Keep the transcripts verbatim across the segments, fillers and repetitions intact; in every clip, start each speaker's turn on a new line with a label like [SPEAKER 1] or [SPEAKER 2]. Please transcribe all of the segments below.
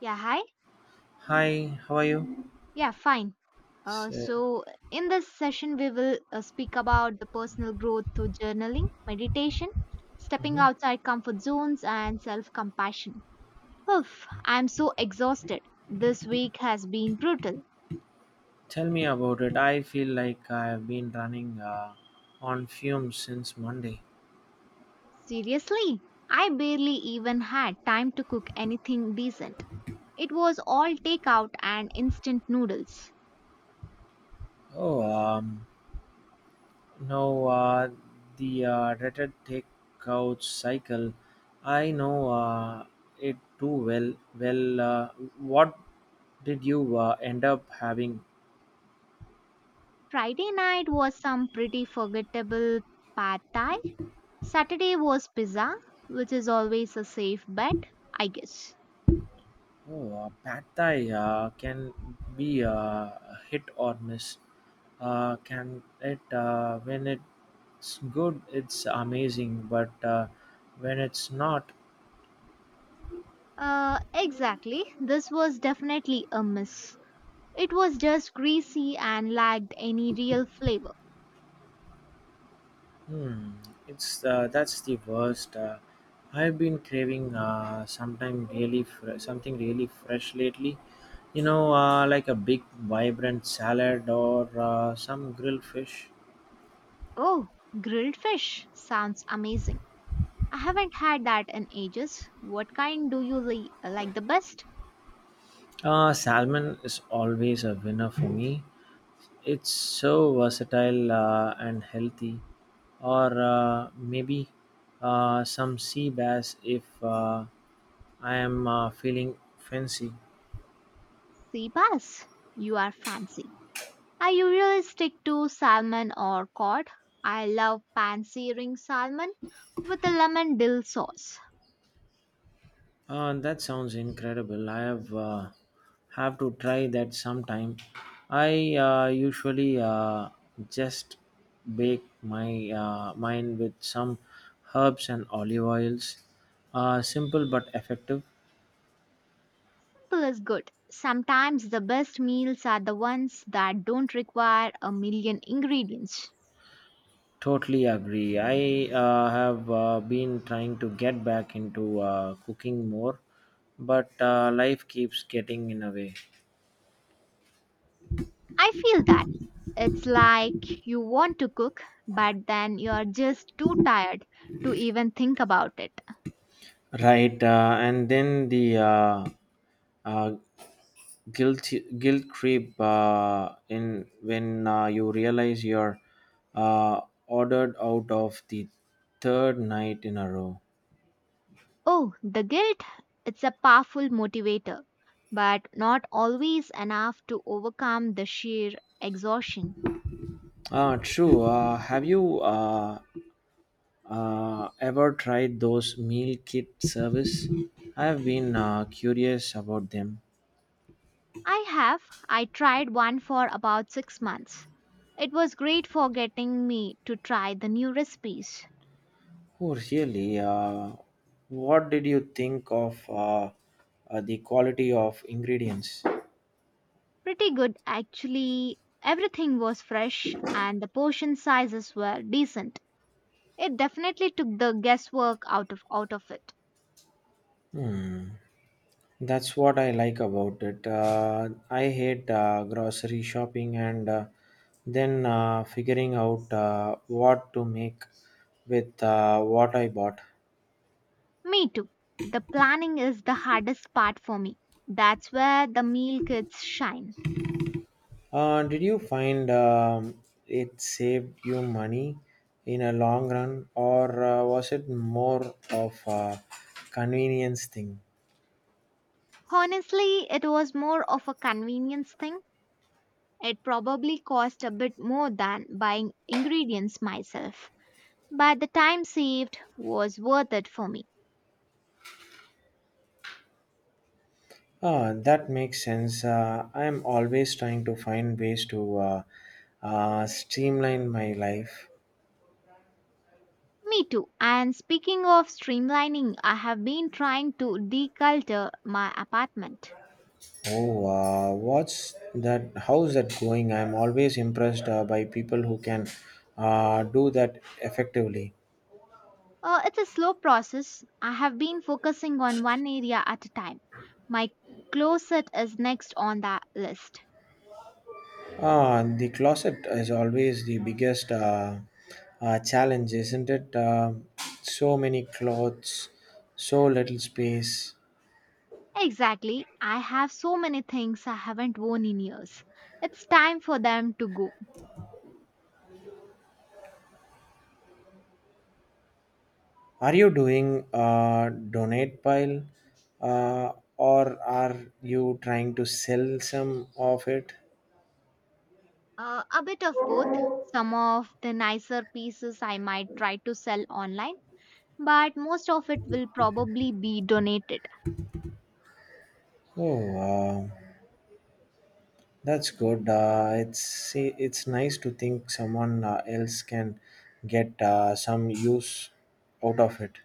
[SPEAKER 1] Yeah, hi.
[SPEAKER 2] Hi, how are you?
[SPEAKER 1] Yeah, fine. Uh,
[SPEAKER 2] So,
[SPEAKER 1] so, in this session, we will uh, speak about the personal growth through journaling, meditation, stepping
[SPEAKER 2] mhm.
[SPEAKER 1] outside comfort zones, and self compassion. Oof, I'm so exhausted. This week has been brutal.
[SPEAKER 2] Tell me about it. I feel like I've been running uh, on fumes since Monday.
[SPEAKER 1] Seriously, I barely even had time to cook anything decent. It was all takeout and instant noodles.
[SPEAKER 2] Oh, um, no, uh, the uh, dreaded takeout cycle. I know uh, it too well. Well, uh, what did you uh, end up having?
[SPEAKER 1] Friday night was some pretty forgettable pad thai. Saturday was pizza, which is always a safe bet, I guess.
[SPEAKER 2] Oh, uh, pad thai uh, can be uh, hit or miss. Uh, can it uh, when it It's good, it's amazing, but uh, when it's not,
[SPEAKER 1] Uh, exactly. This was definitely a miss. It was just greasy and lacked any real flavor.
[SPEAKER 2] hmm, it's uh, that's the worst. Uh, I've been craving uh, sometime really fr- something really fresh lately. You know, uh, like a big, vibrant salad or uh, some grilled fish.
[SPEAKER 1] Oh, grilled fish sounds amazing. I haven't had that in ages. What kind do you li- like the best?
[SPEAKER 2] Uh, salmon is always a winner for me. It's so versatile uh, and healthy, or uh, maybe uh, some sea bass if uh, I am uh, feeling fancy.
[SPEAKER 1] Sea bass. You are fancy. I usually stick to salmon or cod. I love pan searing salmon with a lemon dill sauce.
[SPEAKER 2] Uh, that sounds incredible. I have uh, have to try that sometime. I uh, usually uh, just bake my uh, mine with some herbs and olive oils. Uh, simple but effective.
[SPEAKER 1] Simple is good. Sometimes the best meals are the ones that don't require a million ingredients.
[SPEAKER 2] Totally agree. I uh, have uh, been trying to get back into uh, cooking more, but uh, life keeps getting in a way.
[SPEAKER 1] I feel that. It's like you want to cook, but then you're just too tired to even think about it.
[SPEAKER 2] Right, uh, and then the uh, uh, guilt guilt creep uh, in when uh, you realize you're uh, ordered out of the third night in a row.
[SPEAKER 1] Oh, the guilt? It's a powerful motivator, but not always enough to overcome the sheer exhaustion.
[SPEAKER 2] Ah, true. Uh, have you uh, Uh, ever tried those meal kit service? I've been uh, curious about them.
[SPEAKER 1] I have. I tried one for about six months. It was great for getting me to try the new recipes.
[SPEAKER 2] Oh, really? Uh, what did you think of uh, uh, the quality of ingredients?
[SPEAKER 1] Pretty good, actually. Everything was fresh and the portion sizes were decent. It definitely took the guesswork out of out of it.
[SPEAKER 2] Hmm. That's what I like about it. Uh, I hate uh, grocery shopping and uh, then uh, figuring out uh, what to make with uh, what I bought.
[SPEAKER 1] Me too. The planning is the hardest part for me. That's where the meal kits shine.
[SPEAKER 2] Uh, did you find um, it saved you money in a long run, or uh, was it more of a convenience thing?
[SPEAKER 1] Honestly, it was more of a convenience thing. It probably cost a bit more than buying ingredients myself, but the time saved was worth it for me.
[SPEAKER 2] Ah, that makes sense. Uh, I'm always trying to find ways to uh, uh, streamline my life.
[SPEAKER 1] Me too. And speaking of streamlining, I have been trying to declutter my apartment.
[SPEAKER 2] Oh, uh, what's that? How's that going? I'm always impressed uh, by people who can uh, do that effectively.
[SPEAKER 1] Uh, it's a slow process. I have been focusing on one area at a time. My closet is next on the list.
[SPEAKER 2] Ah, the closet is always the biggest uh, uh, challenge, isn't it? Uh, so many clothes, so little space.
[SPEAKER 1] Exactly. I have so many things I haven't worn in years. It's time for them to go.
[SPEAKER 2] Are you doing a donate pile, uh, or are you trying to sell some of it?
[SPEAKER 1] Uh, a bit of both. Some of the nicer pieces I might try to sell online, but most of it will probably be donated.
[SPEAKER 2] Oh, uh, that's good. Uh, it's see, it's nice to think someone uh, else can get uh, some use out of it.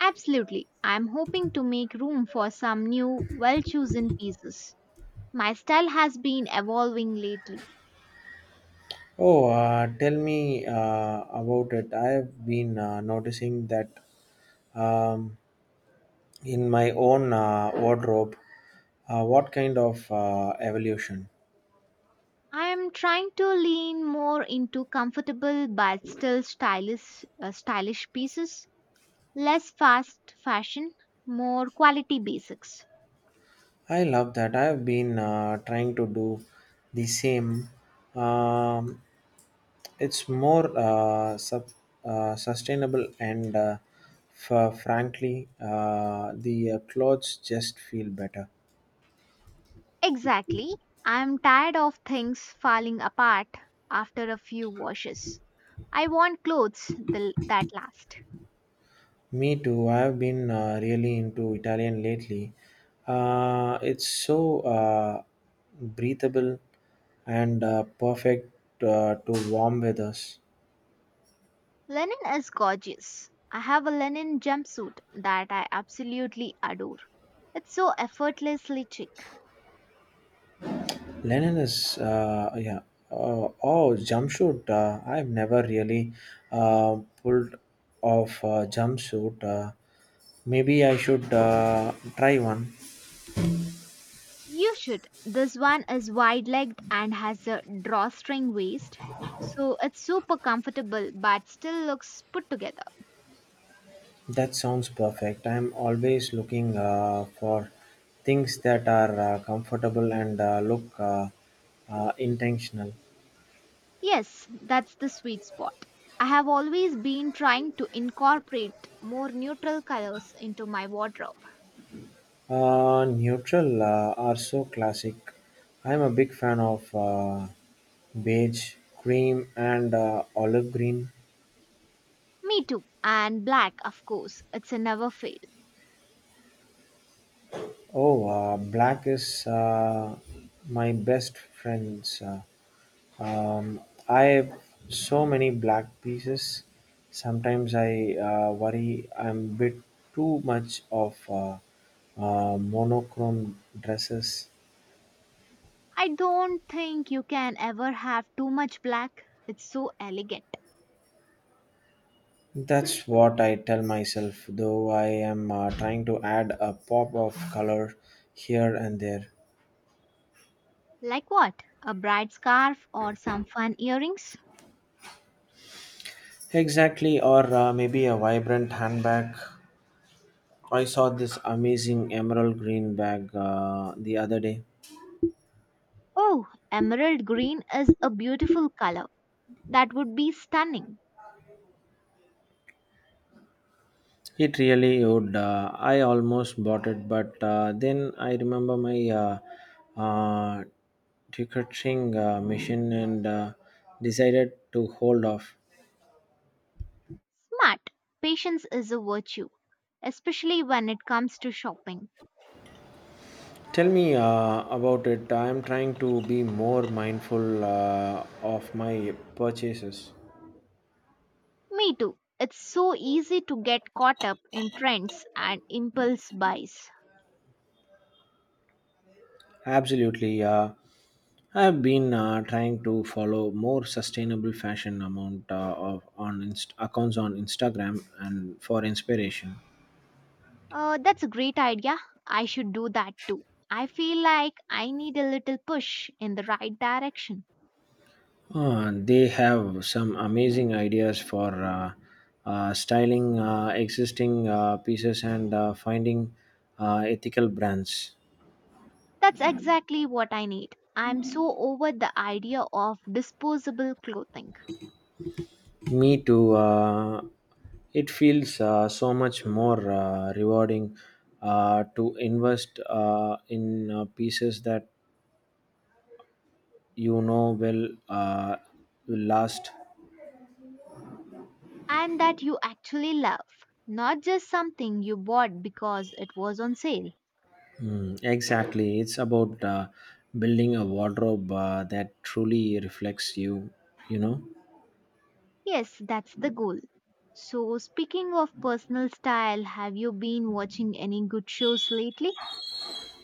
[SPEAKER 1] Absolutely. I'm hoping to make room for some new, well chosen pieces. My style has been evolving lately.
[SPEAKER 2] Oh, uh, tell me uh, about it. I've been uh, noticing that um, in my own uh, wardrobe. Uh, what kind of uh, evolution?
[SPEAKER 1] I am trying to lean more into comfortable but still stylish, uh, stylish pieces, less fast fashion, more quality basics.
[SPEAKER 2] I love that. I've been uh, trying to do the same. Um, it's more uh, sub, uh, sustainable and uh, f- frankly, uh, the uh, clothes just feel better.
[SPEAKER 1] Exactly. I am tired of things falling apart after a few washes. I want clothes th- that last.
[SPEAKER 2] Me too. I've been uh, really into Italian lately. Uh, it's so uh, breathable and uh, perfect uh, to warm weathers.
[SPEAKER 1] Linen is gorgeous. I have a linen jumpsuit that I absolutely adore. It's so effortlessly chic.
[SPEAKER 2] Linen is, uh, yeah. Uh, oh, jumpsuit. Uh, I've never really uh, pulled off a jumpsuit. Uh, maybe I should uh, try one.
[SPEAKER 1] You should. This one is wide legged and has a drawstring waist, so it's super comfortable but still looks put together.
[SPEAKER 2] That sounds perfect. I'm always looking uh, for things that are uh, comfortable and uh, look uh, uh, intentional.
[SPEAKER 1] Yes, that's the sweet spot. I have always been trying to incorporate more neutral colors into my wardrobe.
[SPEAKER 2] Uh, neutral uh, are so classic. I'm a big fan of uh, beige, cream, and uh, olive green.
[SPEAKER 1] Me too. And black, of course, it's a never fail.
[SPEAKER 2] Oh, uh, black is uh, my best friends. Uh, um, I have so many black pieces. Sometimes I uh, worry I'm a bit too much of uh, uh, monochrome dresses.
[SPEAKER 1] I don't think you can ever have too much black. It's so elegant.
[SPEAKER 2] That's what I tell myself, though I am uh, trying to add a pop of color here and there.
[SPEAKER 1] Like what? A bright scarf or some fun earrings?
[SPEAKER 2] Exactly, or uh, maybe a vibrant handbag I saw this amazing emerald green bag uh, the other day.
[SPEAKER 1] Oh, emerald green is a beautiful color. That would be stunning.
[SPEAKER 2] It really would. Uh, I almost bought it, but uh, then I remember my uh, uh, ticketing uh, machine and uh, decided to hold off.
[SPEAKER 1] Smart. Patience is a virtue, especially when it comes to shopping.
[SPEAKER 2] Tell me uh, about it. I am trying to be more mindful uh, of my purchases.
[SPEAKER 1] Me too. It's so easy to get caught up in trends and impulse buys.
[SPEAKER 2] Absolutely. Uh, I've been uh, trying to follow more sustainable fashion amount uh, of on inst- accounts on Instagram and for inspiration.
[SPEAKER 1] Uh, that's a great idea. I should do that too. I feel like I need a little push in the right direction.
[SPEAKER 2] Uh, they have some amazing ideas for uh, uh, styling uh, existing uh, pieces and uh, finding uh, ethical brands.
[SPEAKER 1] That's exactly what I need. I'm so over the idea of disposable clothing
[SPEAKER 2] Me too. Uh, it feels uh, so much more uh, rewarding uh, to invest uh, in uh, pieces that you know will uh, will last.
[SPEAKER 1] and that you actually love, not just something you bought because it was on sale.
[SPEAKER 2] Mm, exactly, it's about uh, building a wardrobe uh, that truly reflects you. You know.
[SPEAKER 1] Yes, that's the goal. So, speaking of personal style, have you been watching any good shows lately?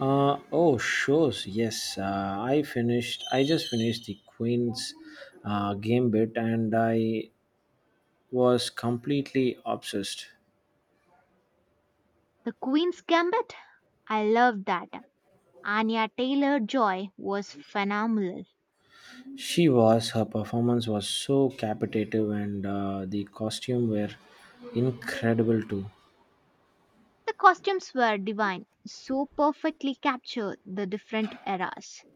[SPEAKER 2] Uh, oh, shows. Yes, uh, I finished. I just finished the Queen's uh, Gambit, and I was completely obsessed.
[SPEAKER 1] The Queen's Gambit? I love that. Anya Taylor Joy was phenomenal.
[SPEAKER 2] She was. Her performance was so captivating, and uh, the costume were incredible too.
[SPEAKER 1] The costumes were divine, so perfectly capture the different eras.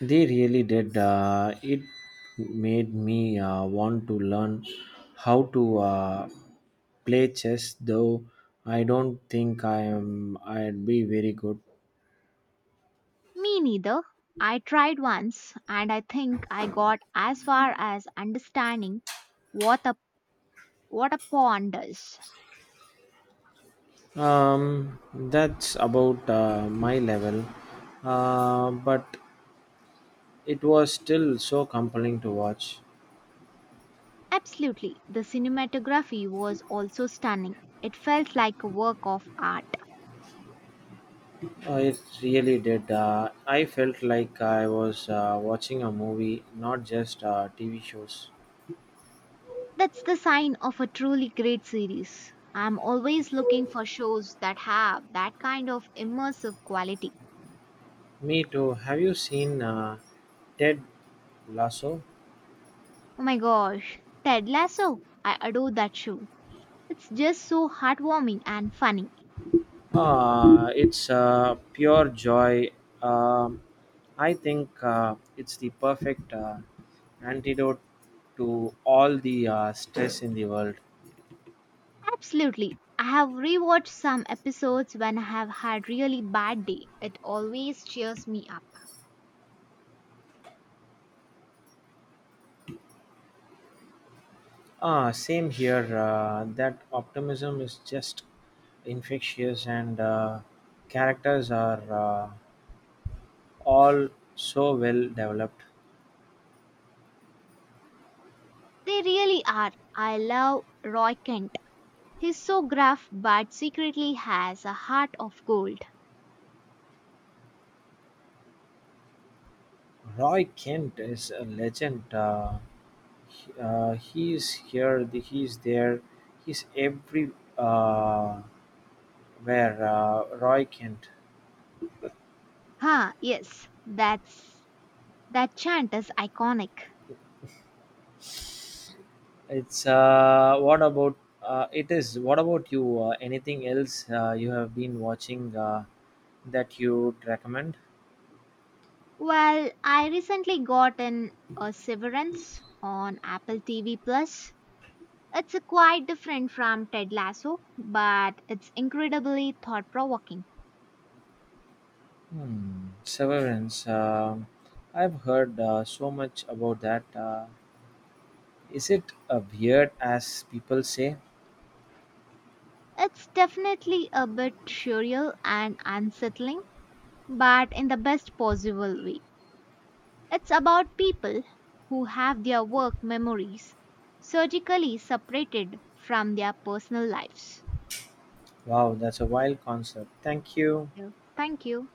[SPEAKER 2] They really did. Uh, it made me uh, want to learn how to uh, play chess, though I don't think I am. I'd be very good.
[SPEAKER 1] Me neither. I tried once and I think I got as far as understanding what a what a pawn does.
[SPEAKER 2] Um, that's about uh, my level. Uh, but it was still so compelling to watch.
[SPEAKER 1] Absolutely. The cinematography was also stunning. It felt like a work of art.
[SPEAKER 2] Uh, it really did. Uh, I felt like I was uh, watching a movie, not just uh, T V shows.
[SPEAKER 1] That's the sign of a truly great series. I'm always looking for shows that have that kind of immersive quality.
[SPEAKER 2] Me too. Have you seen uh, Ted Lasso?
[SPEAKER 1] Oh my gosh, Ted Lasso. I adore that show. It's just so heartwarming and funny.
[SPEAKER 2] Ah, it's uh, pure joy. Um, I think uh, it's the perfect uh, antidote to all the uh, stress in the world.
[SPEAKER 1] Absolutely. I have rewatched some episodes when I have had really bad day. It always cheers me up.
[SPEAKER 2] Ah, same here. Uh, that optimism is just infectious, and uh, characters are uh, all so well developed.
[SPEAKER 1] They really are. I love Roy Kent. He's so gruff but secretly has a heart of gold.
[SPEAKER 2] Roy Kent is a legend. Uh, He, Uh, he is here, the, he is there, he's every uh, where. Uh, Roy Kent.
[SPEAKER 1] Huh, yes, that's that chant is iconic.
[SPEAKER 2] It's uh, what about uh, it is? What about you? Uh, anything else uh, you have been watching uh, that you would recommend?
[SPEAKER 1] Well, I recently got in a Severance on Apple T V Plus. It's a quite different from Ted Lasso, but it's incredibly thought-provoking.
[SPEAKER 2] Hmm. Severance. Um I've heard uh, so much about that. Uh, is it uh, weird as people say?
[SPEAKER 1] It's definitely a bit surreal and unsettling, but in the best possible way. It's about people who have their work memories surgically separated from their personal lives.
[SPEAKER 2] Wow, that's a wild concept. Thank you.
[SPEAKER 1] Yeah. Thank you.